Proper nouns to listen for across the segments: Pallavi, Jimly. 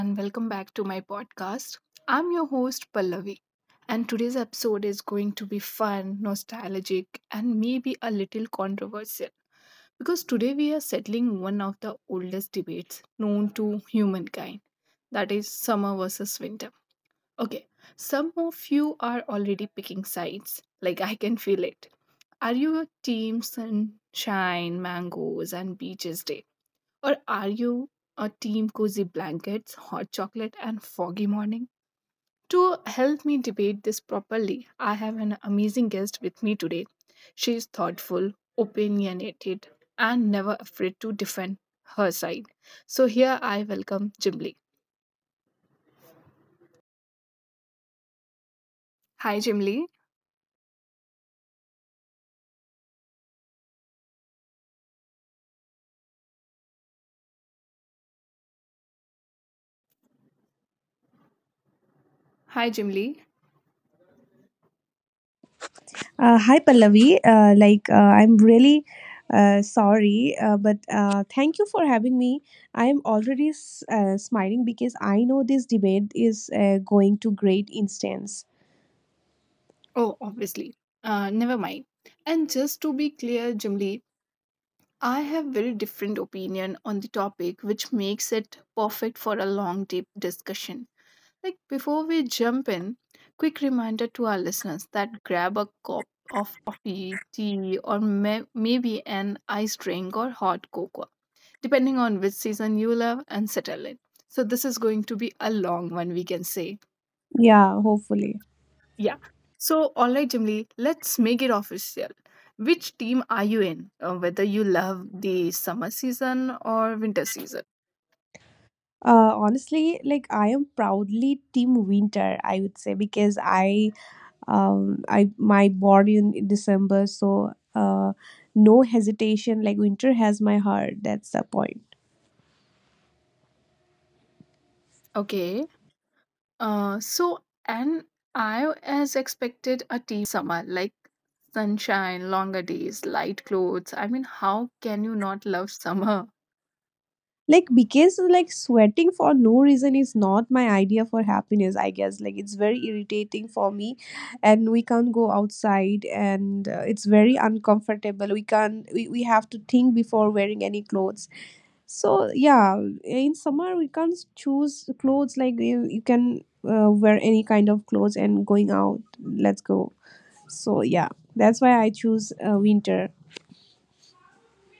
and welcome back to my podcast. I'm your host, Pallavi, and today's episode is going to be fun, nostalgic, and maybe a little controversial because today we are settling one of the oldest debates known to humankind, that is, summer versus winter. Okay, some of you are already picking sides, like I can feel it. Are you a team sunshine, mangoes, and beaches day? Or are you a team cozy blankets, hot chocolate, and foggy morning? To help me debate this properly, I have an amazing guest with me today. She is thoughtful, opinionated, and never afraid to defend her side. So here I welcome Jimly. Hi, Jimly. Hi, Jimly. Hi Pallavi, like I'm really sorry, but thank you for having me. I am already smiling because I know this debate is going to great instance. Oh, obviously. Never mind. And just to be clear, Jimly, I have very different opinion on the topic, which makes it perfect for a long deep discussion. Like before we jump in, quick reminder to our listeners that grab a cup of coffee, tea, or maybe an iced drink or hot cocoa, depending on which season you love, and settle in. So this is going to be a long one, we can say. Yeah, hopefully. Yeah. So all right, Jimly, let's make it official. Which team are you in? Whether you love the summer season or winter season? Honestly, like I am proudly Team Winter, I would say, because I my born in December, so no hesitation. Like winter has my heart. That's the point. Okay. So, and I as expected a team summer, like sunshine, longer days, light clothes. I mean, how can you not love summer? Like because like sweating for no reason is not my idea for happiness, I guess. Like it's very irritating for me and we can't go outside and it's very uncomfortable. We can't we, we have to think before wearing any clothes. So yeah, in summer we can't choose clothes, like you can wear any kind of clothes and going out, let's go. So yeah, that's why I choose winter.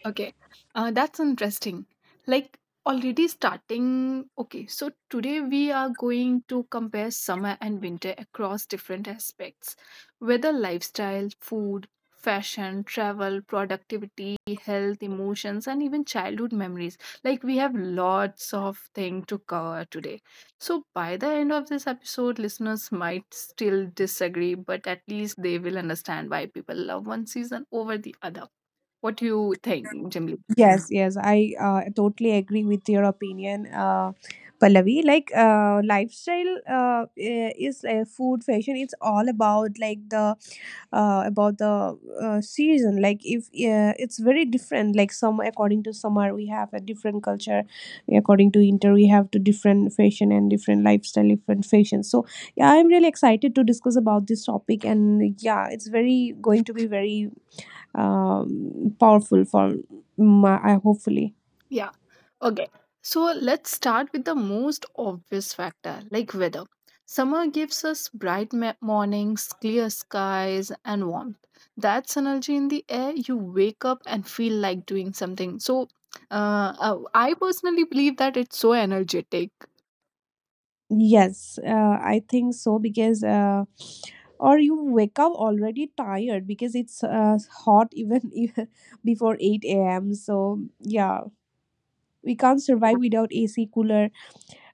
Okay, that's interesting. Like already starting. Okay, so today we are going to compare summer and winter across different aspects, whether lifestyle, food, fashion, travel, productivity, health, emotions, and even childhood memories. Like we have lots of things to cover today. So by the end of this episode, listeners might still disagree, but at least they will understand why people love one season over the other. What do you think, Jimli? Yes, yes, I totally agree with your opinion, Pallavi. Like, lifestyle, is food, fashion. It's all about like the about the season. Like, if it's very different. Like, some according to summer, we have a different culture. According to winter, we have to different fashion and different lifestyle, different fashion. So, yeah, I'm really excited to discuss about this topic. And yeah, it's very going to be very powerful for my, I hopefully. Yeah. Okay. So let's start with the most obvious factor like weather. Summer gives us bright mornings, clear skies, and warmth. That's energy in the air. You wake up and feel like doing something. So, I personally believe that it's so energetic. Yes, I think so, because or you wake up already tired because it's hot even even before 8 a.m. So yeah, we can't survive without AC cooler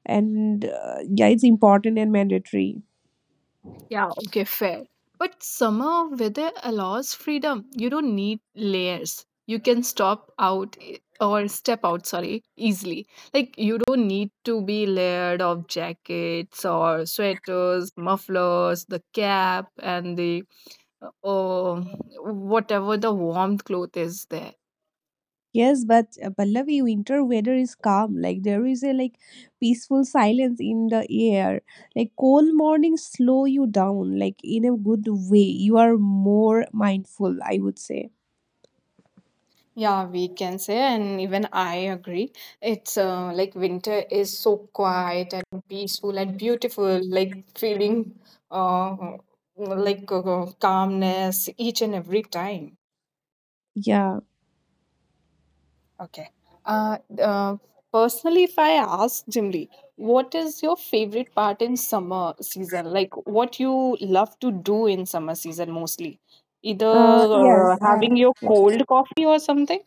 and yeah, it's important and mandatory. Yeah, okay, fair. But summer weather allows freedom. You don't need layers. You can stop out I- or step out, sorry, easily. Like you don't need to be layered of jackets or sweaters, mufflers, the cap and the oh, whatever the warm cloth is there. Yes, but Pallavi, winter weather is calm. Like there is a like peaceful silence in the air. Like cold mornings slow you down, like in a good way. You are more mindful, I would say. Yeah, we can say, and even I agree. It's like winter is so quiet and peaceful and beautiful, like feeling uh, like calmness each and every time. Yeah. Okay. Uh, uh, personally, if I ask Jimli, what is your favorite part in summer season? Like what you love to do in summer season mostly? Either Yes. Having your cold coffee or something?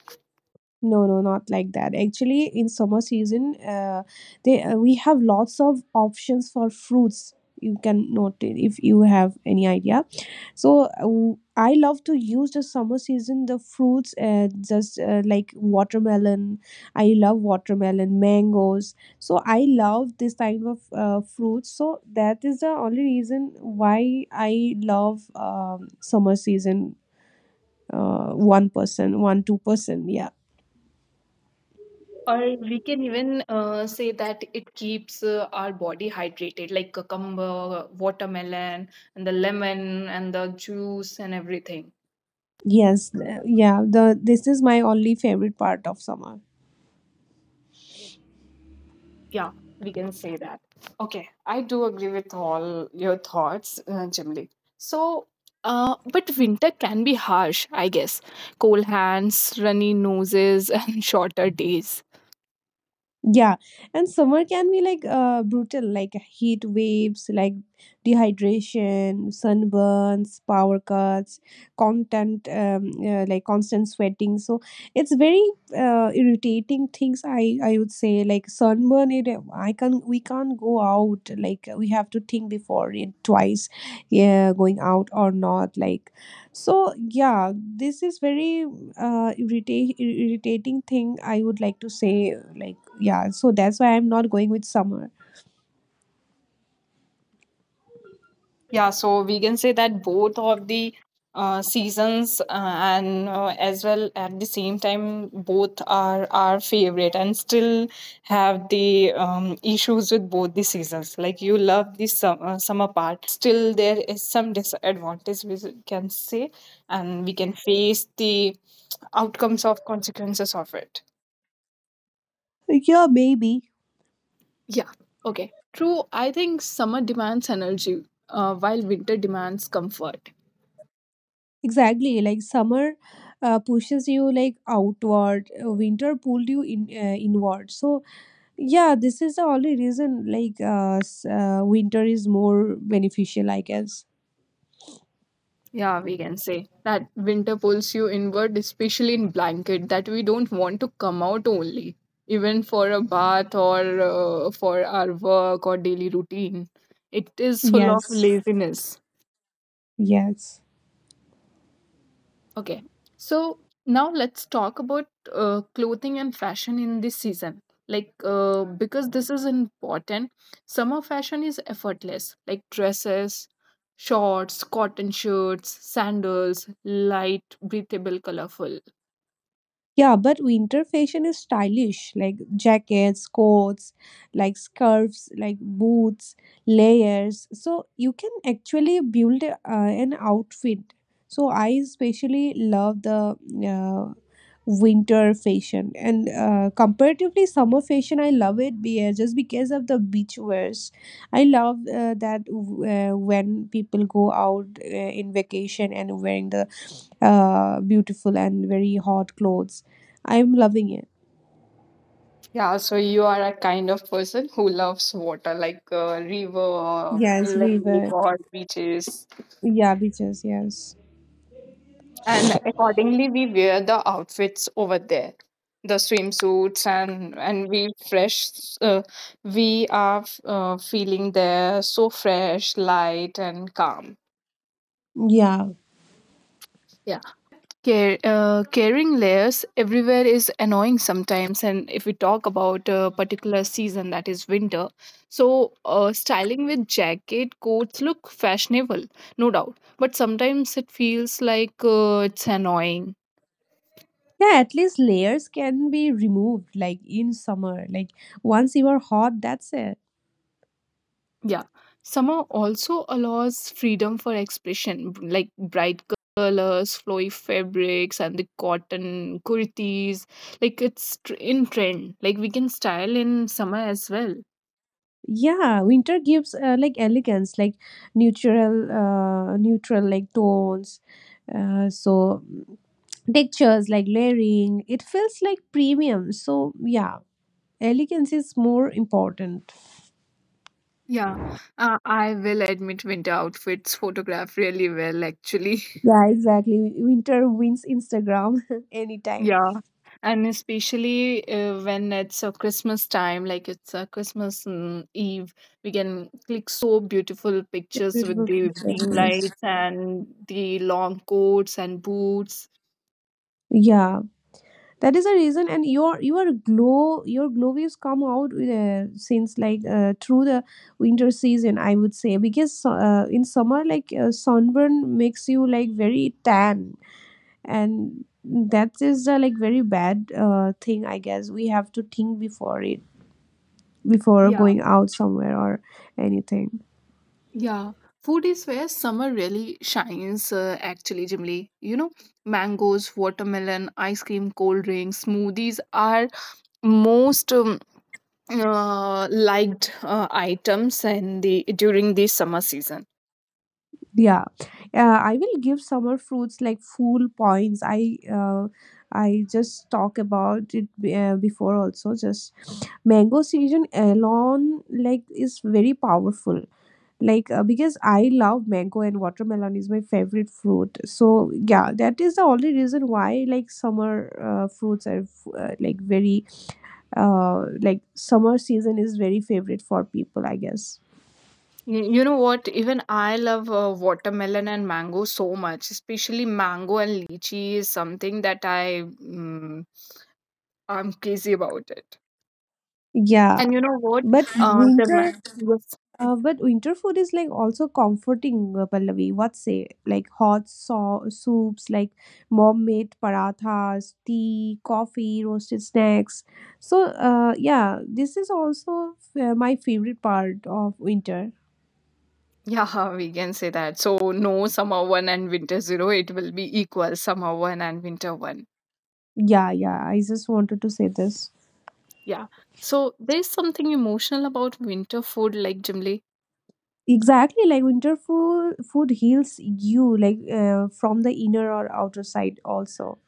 no, no, not like that. Actually, in summer season, they we have lots of options for fruits. You can note it if you have any idea. So I love to use the summer season the fruits, just like watermelon. I love watermelon, mangoes. So I love this type of fruits. So that is the only reason why I love summer season. One person, one two person, yeah. Or we can even say that it keeps our body hydrated, like cucumber, watermelon, and the lemon, and the juice, and everything. Yes, yeah, the this is my only favorite part of summer. Yeah, we can say that. Okay, I do agree with all your thoughts, Jimli. So, but winter can be harsh, I guess. Cold hands, runny noses, and shorter days. Yeah, and summer can be like brutal, like heat waves, like dehydration, sunburns, power cuts, constant sweating. So it's very irritating things. I would say like sunburn. It I can we can't go out. Like we have to think before it twice. Yeah, going out or not. Like so yeah, this is very uh irrita- irritating thing. I would like to say, like yeah, so that's why I'm not going with summer. Yeah, so we can say that both of the seasons and as well at the same time both are our favorite and still have the issues with both the seasons, like you love the summer part but still there is some disadvantage we can say and we can face the outcomes of consequences of it. Like, yeah, maybe Yeah, okay. True, I think summer demands energy, while winter demands comfort. exactly like summer pushes you like outward, winter pulled you in inward. So yeah, this is the only reason, like winter is more beneficial, I guess. Yeah, we can say that winter pulls you inward, especially in blanket, that we don't want to come out only, even for a bath or for our work or daily routine. It is full of Yes, laziness. yes. Okay, so now let's talk about clothing and fashion in this season. Like, because this is important, summer fashion is effortless, like dresses, shorts, cotton shirts, sandals, light, breathable, colorful. Yeah, but winter fashion is stylish, like jackets, coats, like scarves, like boots, layers. So you can actually build an outfit. So I especially love the uh, winter fashion, and comparatively summer fashion, I love it just because of the beach wears. I love that when people go out in vacation and wearing the beautiful and very hot clothes. I'm loving it. Yeah, so you are a kind of person who loves water, like river, Yes, we lake, were. or beaches. Yeah, beaches. Yes. And accordingly, we wear the outfits over there, the swimsuits, and we fresh. Uh, we are feeling there so fresh, light, and calm. Yeah. Yeah, but care, caring layers everywhere is annoying sometimes. And if we talk about a particular season, that is winter, so styling with jacket coats look fashionable, no doubt. But sometimes it feels like it's annoying. Yeah, at least layers can be removed like in summer. Like once you are hot, that's it. Yeah. Summer also allows freedom for expression, like bright colors, flowy fabrics, and the cotton kurtis. Like it's in trend. Like we can style in summer as well. Yeah, winter gives like elegance, like neutral, neutral like tones. So textures like layering, it feels like premium. So yeah, elegance is more important. Yeah, I will admit winter outfits photograph really well, actually. Yeah, exactly. Winter wins Instagram anytime. Yeah, and especially when it's a Christmas time, like it's a Christmas Eve, we can click so beautiful pictures with Beautiful the dim pictures. lights and the long coats and boots. Yeah, that is a reason. And your glow waves come out since like through the winter season, I would say, because in summer like sunburn makes you like very tan, and that is like very bad thing. I guess we have to think before it before Yeah, going out somewhere or anything. yeah. Food is where summer really shines, actually, Jimly. You know, mangoes, watermelon, ice cream, cold drinks, smoothies are most liked items and the during the summer season. Yeah, I will give summer fruits like full points. I just talk about it before also. Just mango season alone like is very powerful. Like because I love mango and watermelon is my favorite fruit. So yeah, that is the only reason why like summer fruits are like very like summer season is very favorite for people, I guess. You know what, even I love watermelon and mango so much, especially mango and lychee is something that I'm crazy about it. Yeah, And you know what, but uh, the ma- winter, yes, but winter food is like also comforting, Pallavi. What say? Like hot soups, like mom made parathas, tea, coffee, roasted snacks. So, yeah, this is also my favorite part of winter. yeah, we can say that. So no, summer one and winter zero. It will be equal, summer one and winter one. Yeah, yeah, I just wanted to say this. Yeah, so there's something emotional about winter food, like, Jimly. Exactly, like winter food, food heals you, like from the inner or outer side also.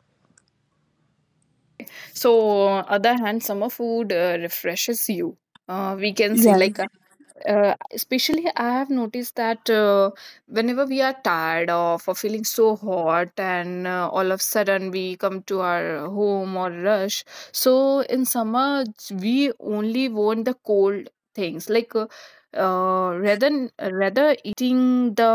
So other hand, summer food refreshes you, we can say. Like Yes. Especially I have noticed that whenever we are tired of or feeling so hot and all of a sudden we come to our home or rush. So in summer we only want the cold things, like rather rather eating the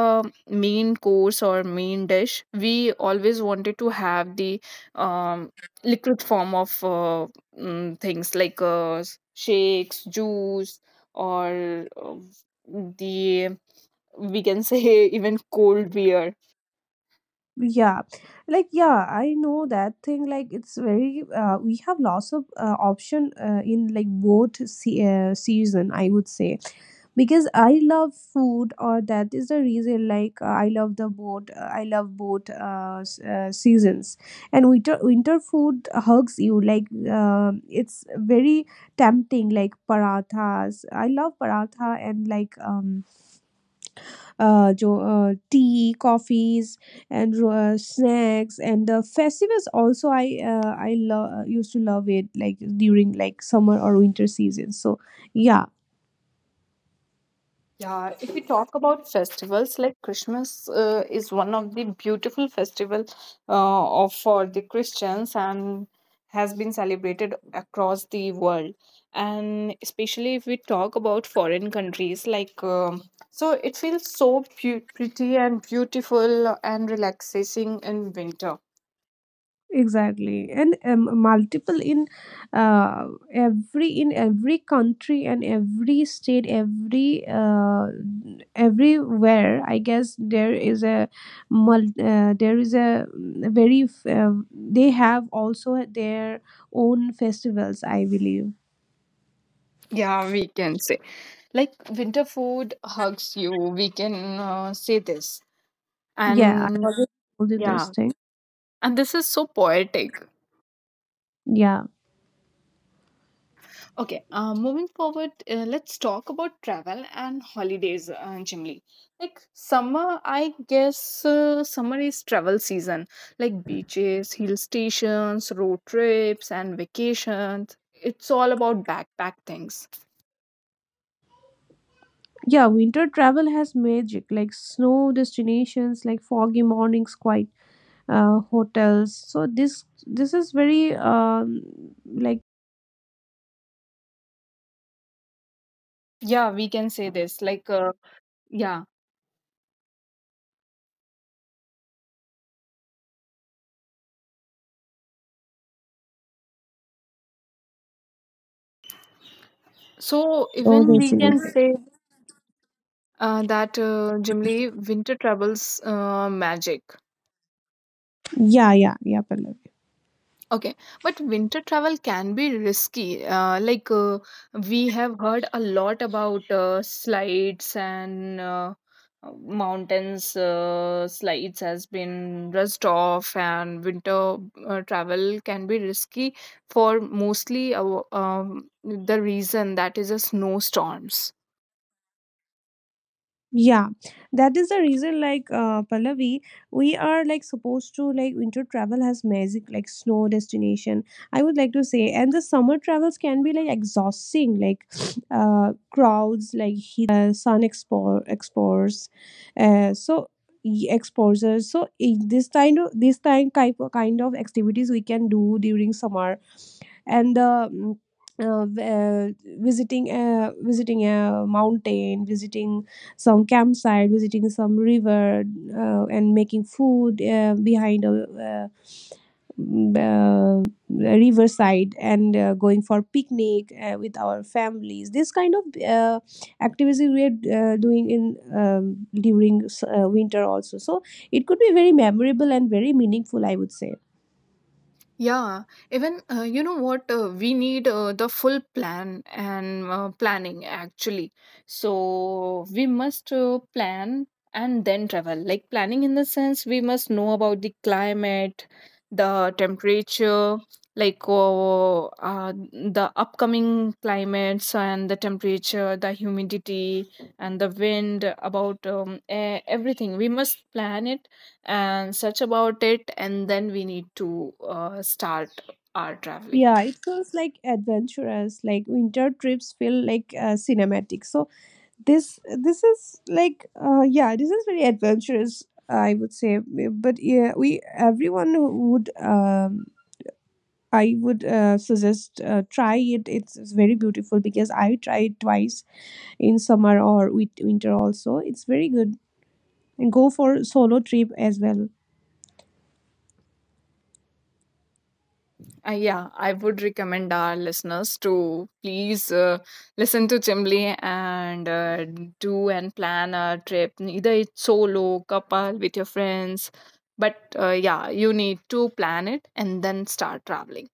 main course or main dish, we always wanted to have the um, liquid form of things like shakes, juice, or the, we can say even cold beer. Yeah, like yeah, I know that thing. Like it's very we have lots of option in like both season, I would say, because I love food, or that is the reason like I love the both. I love both seasons. And winter food hugs you, like it's very tempting, like parathas. I love paratha and like tea, coffees, and snacks. And the festivals also I used to love it, like during like summer or winter season. So yeah, Yeah, if we talk about festivals like Christmas, is one of the beautiful festival for the Christians and has been celebrated across the world, and especially if we talk about foreign countries, like so it feels so pretty and beautiful and relaxing in winter. exactly. And multiple in uh, every in every country and every state, every everywhere, I guess. There is a there is a very they have also their own festivals, I believe. Yeah, we can say like winter food hugs you, we can say this, Yeah, I and already told you this yeah, thing. and this is so poetic. Yeah, Okay, moving forward, let's talk about travel and holidays, Jimli. Like summer, I guess summer is travel season, like beaches, hill stations, road trips, and vacations. It's all about backpack things. yeah, winter travel has magic, like snow destinations, like foggy mornings, quiet hotels. So this is very like Yeah, we can say this. Like, yeah, so Oh, even this we can is, say that generally winter travels magic. yeah, yeah, yeah, Pallavi. Okay, but winter travel can be risky, like we have heard a lot about slides, and mountains slides has been rust off, and winter travel can be risky for mostly the reason that is a snowstorms. Yeah, that is the reason. Like, Pallavi, we are like supposed to, like, winter travel has magic, like snow destination, I would like to say. And the summer travels can be like exhausting, like crowds, like heat, sun expo explores, so y- exposures. So this kind of, this time type kind of activities we can do during summer. And the uh, v- uh, visiting a mountain, visiting some campsite, visiting some river, and making food behind a, uh, riverside, and going for picnic with our families, this kind of activities we are doing in during winter also, so it could be very memorable and very meaningful, I would say. Yeah, even you know what, we need the full plan and planning, actually. So we must plan and then travel. Like, planning in the sense, we must know about the climate, the temperature, like the upcoming climates and the temperature, the humidity and the wind about everything. We must plan it and search about it, and then we need to start our traveling. Yeah, it feels like adventurous. Like winter trips feel like cinematic. So this is like, yeah, this is very adventurous, I would say. But yeah, we, everyone who would I would suggest try it. It's very beautiful because I tried twice in summer or with winter also. It's very good. And go for solo trip as well. Yeah, I would recommend our listeners to please listen to Chimli and do and plan a trip, either it's solo, couple, with your friends, but yeah, you need to plan it and then start traveling.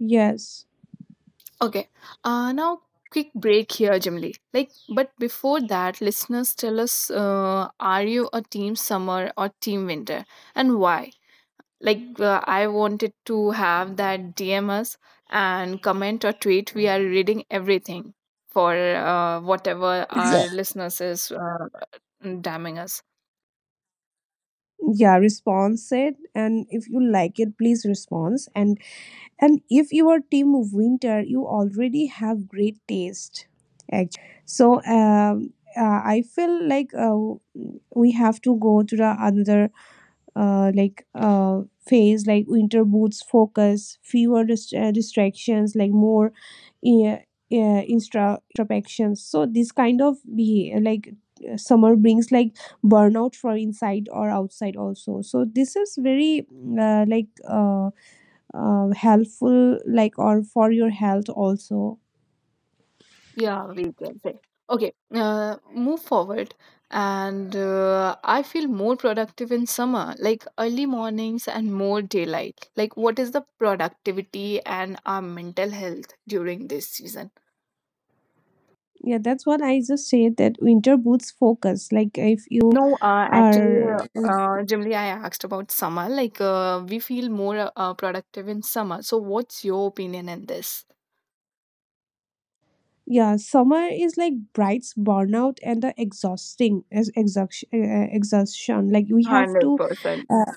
Yes, Okay. Now quick break here, Jimly. Like, but before that, listeners, tell us: are you a team summer or team winter, and why? Like, I wanted to have that. DM us and comment or tweet. We are reading everything for whatever our exactly. listeners is damning us. Yeah, response it. And if you like it, please response. And if you are team winter, you already have great taste, actually. So I feel like we have to go to the another like phase, like winter boots focus, fewer distractions, like more uh, uh, instra introspections. So this kind of be like, summer brings like burnout from inside or outside also. So this is very like helpful like, or for your health also. Yeah, we can say. Okay, move forward. And I feel more productive in summer, like early mornings and more daylight. Like, what is the productivity and our mental health during this season? Yeah, that's what I just said, that winter boosts focus. Like if you No, actually, are, generally, I asked about summer. Like, we feel more productive in summer. So, what's your opinion in this? yeah, summer is like brights burnout and the exhausting as exhaustion, exhaustion, like we have to, 100%. uh,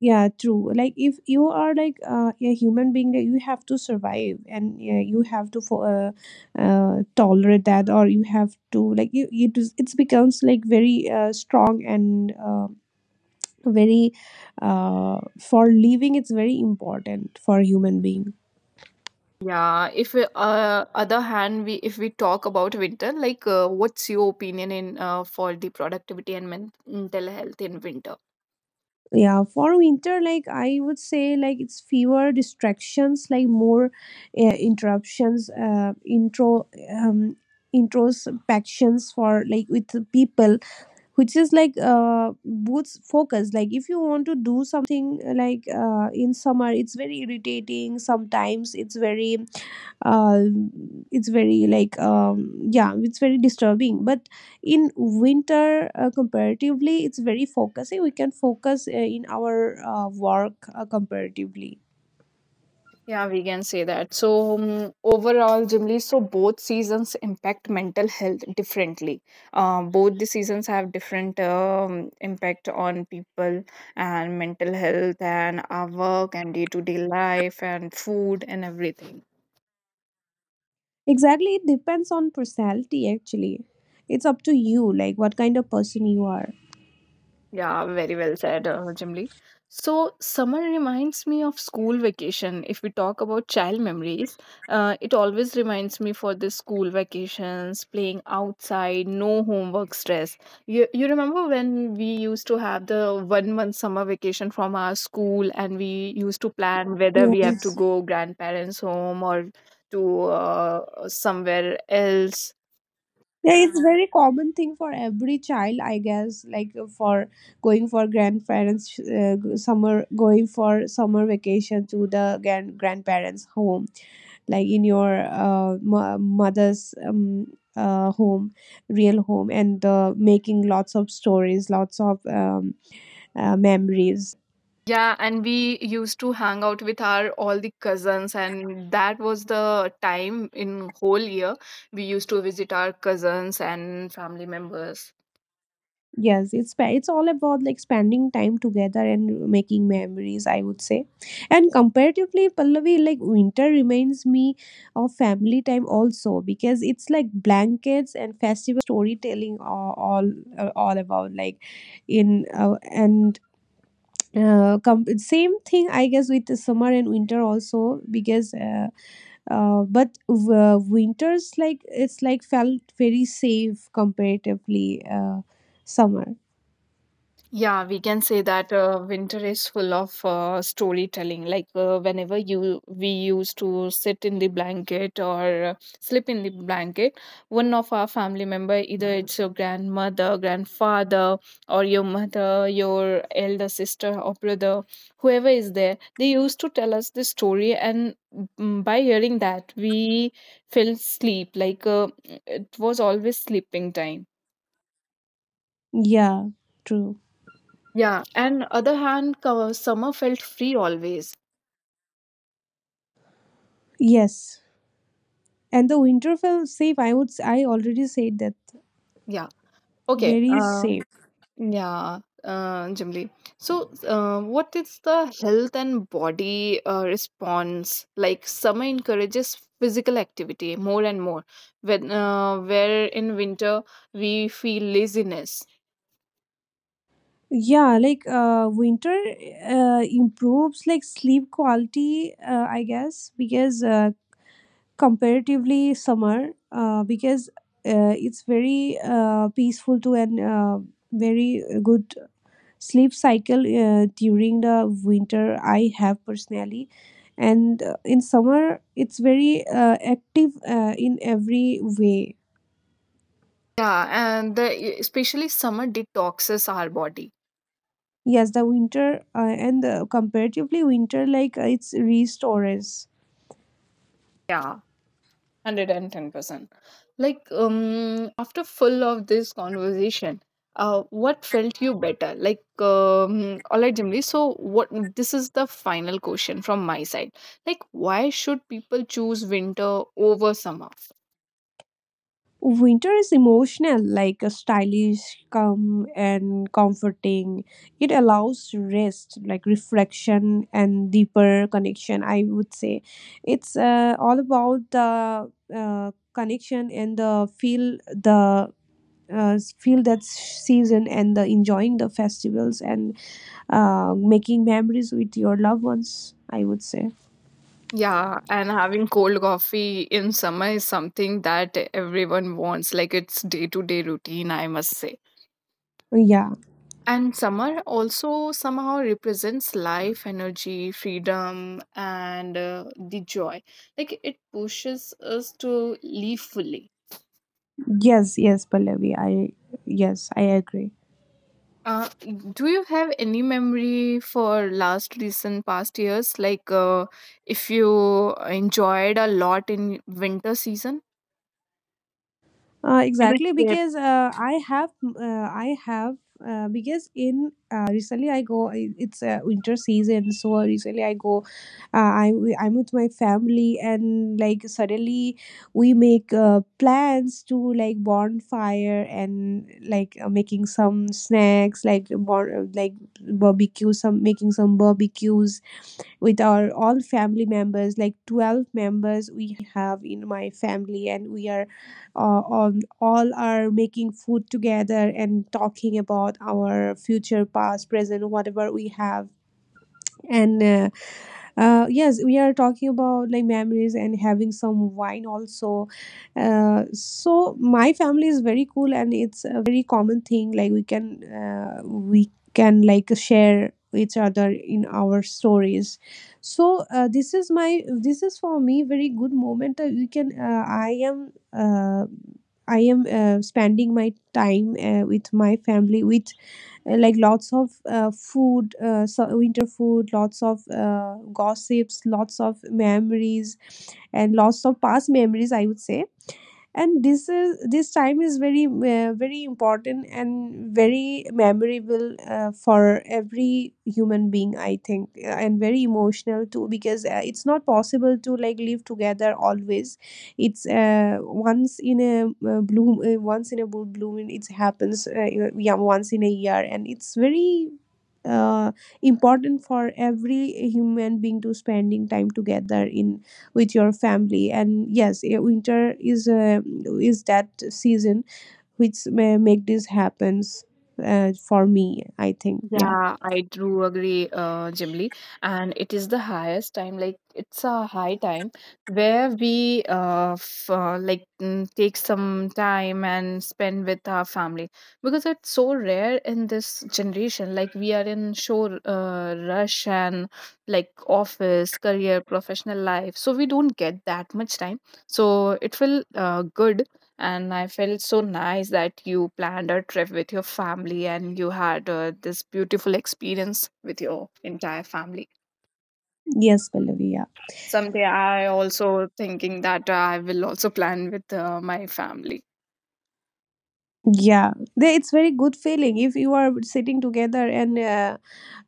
yeah, true. Like if you are like, a human being, that you have to survive and you have to tolerate that, or you have to like you, it becomes like very strong. And very for living, it's very important for human being. Yeah, if we, other hand, we, if we talk about winter, like what's your opinion in for the productivity and mental health in winter? Yeah, for winter, like I would say, like it's fewer distractions, like more uh, interruptions intro um, introspections for like with the people, which is like, boosts focus. Like if you want to do something like in summer, it's very irritating sometimes. It's very uh, it's very like, yeah, it's very disturbing. But in winter, comparatively, it's very focusing. We can focus in our work comparatively. Yeah, we can say that. So overall, Jimli, so both seasons impact mental health differently. Both the seasons have different impact on people and mental health and our work and day to day life and food and everything. Exactly, it depends on personality, actually. It's up to you like what kind of person you are. Yeah, very well said, Jimli. So, summer reminds me of school vacation. If we talk about child memories, it always reminds me for the school vacations, playing outside, no homework stress. You remember when we used to have the one month summer vacation from our school, and we used to plan whether we have to Yes. go grandparents' home or to somewhere else. Yeah, it's very common thing for every child, I guess, like for going for grandparents, summer going for summer vacation to the grandparents home, like in your mother's home, real home, and making lots of stories, lots of memories together. Yeah, and we used to hang out with our all the cousins, and that was the time in whole year we used to visit our cousins and family members. Yes, it's it's all about like spending time together and making memories, I would say. And comparatively, Pallavi, like winter reminds me of family time also, because it's like blankets and festivals and storytelling are all, are all about like in, same thing, I guess, with the summer and winter also, because winters, like it's like felt very safe comparatively summer. Yeah, we can say that winter is full of storytelling. Like whenever you we used to sit in the blanket or sleep in the blanket, one of our family member, either it's your grandmother, grandfather, or your mother, your elder sister or brother, whoever is there, they used to tell us the story, and by hearing that, we fell asleep. Like it was always sleeping time. Yeah, true. Yeah, and other hand, summer felt free always. Yes, and the winter felt safe, I would I already said that, Yeah. Okay. very safe. Yeah. Jimli. So, what is the health and body response? Like, summer encourages physical activity more and more, when where in winter we feel laziness. Yeah, like winter improves like sleep quality, I guess, because comparatively summer, because it's very peaceful to and very good sleep cycle during the winter I have personally. And in summer it's very active in every way. Yeah, and the, especially summer detoxes our body. Yes, the winter, and comparatively winter, like, it's restores. Yeah. 110%. Like, after full of this conversation, what felt you better? Like, all right, Jimli. So, what, this is the final question from my side. Like, why should people choose winter over summer? Winter is emotional, like a stylish, calm, and comforting. It allows rest, like reflection and deeper connection. I would say it's all about the connection and the feel the feel that season, and the enjoying the festivals and making memories with your loved ones, I would say. Yeah, and having cold coffee in summer is something that everyone wants. Like, it's day to day routine, I must say. Yeah. And summer also somehow represents life, energy, freedom, and the joy. Like it pushes us to live fully. Yes, yes, Pallavi, I, yes, I agree. Uh, do you have any memory for last recent past years? Like, if you enjoyed a lot in winter season? Exactly, because I have, because in recently I go, it's winter season, so recently I go, uh, I I'm with my family, and like suddenly we make plans to like bonfire, and like making some snacks, like like barbecue, some making some barbecues with our all family members, like 12 members we have in my family, and we are on, all are making food together and talking about our future, past, present, whatever we have. And yes, we are talking about like memories and having some wine also, so my family is very cool, and it's a very common thing, like we can like share each other in our stories. So this is my, this is for me very good moment that we can, I am spending my time with my family with, like lots of food, so winter food, lots of gossips, lots of memories, and lots of past memories, I would say. And this is, this time is very very important and very memorable for every human being, I think. And very emotional too, because it's not possible to like live together always. It's once in a bloom once in a blue bloom it happens. Yeah, once in a year, and it's very uh, important for every human being to spending time together in with your family. And yes, winter is that season which may make this happens for me, I think. Yeah. Yeah, I do agree, Jimli. And it is the highest time, like it's a high time where we f like take some time and spend with our family, because it's so rare in this generation. Like we are in show rush and like office, career, professional life, so we don't get that much time. So it will good, and I felt so nice that you planned a trip with your family and you had this beautiful experience with your entire family. Yes, Pallavi. Yeah, Someday I also thinking that I will also plan with my family. yeah, it's very good feeling if you are sitting together and uh,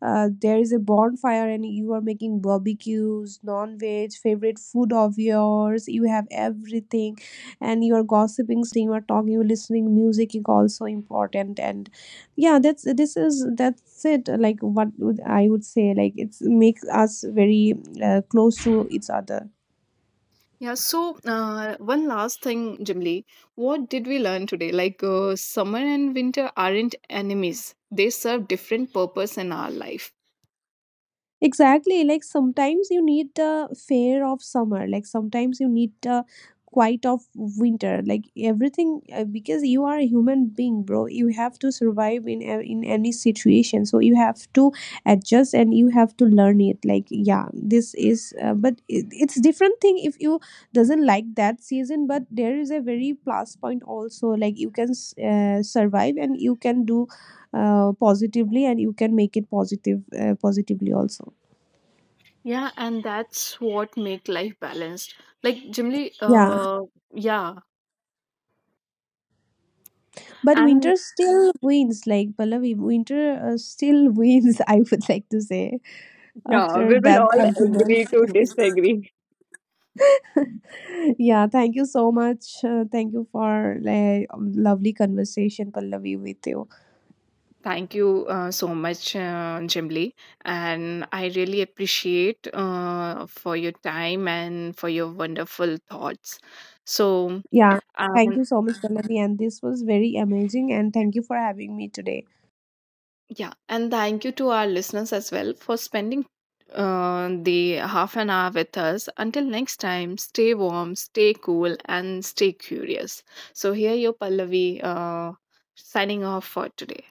uh, there is a bonfire and you are making barbecues, non-veg favorite food of yours, you have everything, and you are gossiping something, you are talking, you are listening, music is also important. And yeah, that's, this is, that's it. Like what would, I would say, like it's makes us very close to each other. Yeah, so one last thing, Jimly. What did we learn today? Like, summer and winter aren't enemies, they serve different purpose in our life. Exactly. Like sometimes you need the fair of summer, like sometimes you need the quiet of winter, like everything, because you are a human being, bro. You have to survive in in any situation. So you have to adjust and you have to learn it. Like yeah, this is but it's different thing if you doesn't like that season. But there is a very plus point also, like you can survive and you can do positively, and you can make it positive positively also. Yeah, and that's what make life balanced. Like, Jimly, Yeah, yeah. but And winter still wins. Like Pallavi, winter still wins. I would like to say, yeah, after we will that all argument. agree to disagree. Yeah, thank you so much. Thank you for like lovely conversation, Pallavi, with you. Thank you so much, Jimli. And I really appreciate for your time and for your wonderful thoughts. So, Yeah, thank um, you so much, Pallavi, and this was very amazing. And thank you for having me today. yeah, and thank you to our listeners as well for spending the half an hour with us. Until next time, stay warm, stay cool, and stay curious. So, here you Pallavi signing off for today.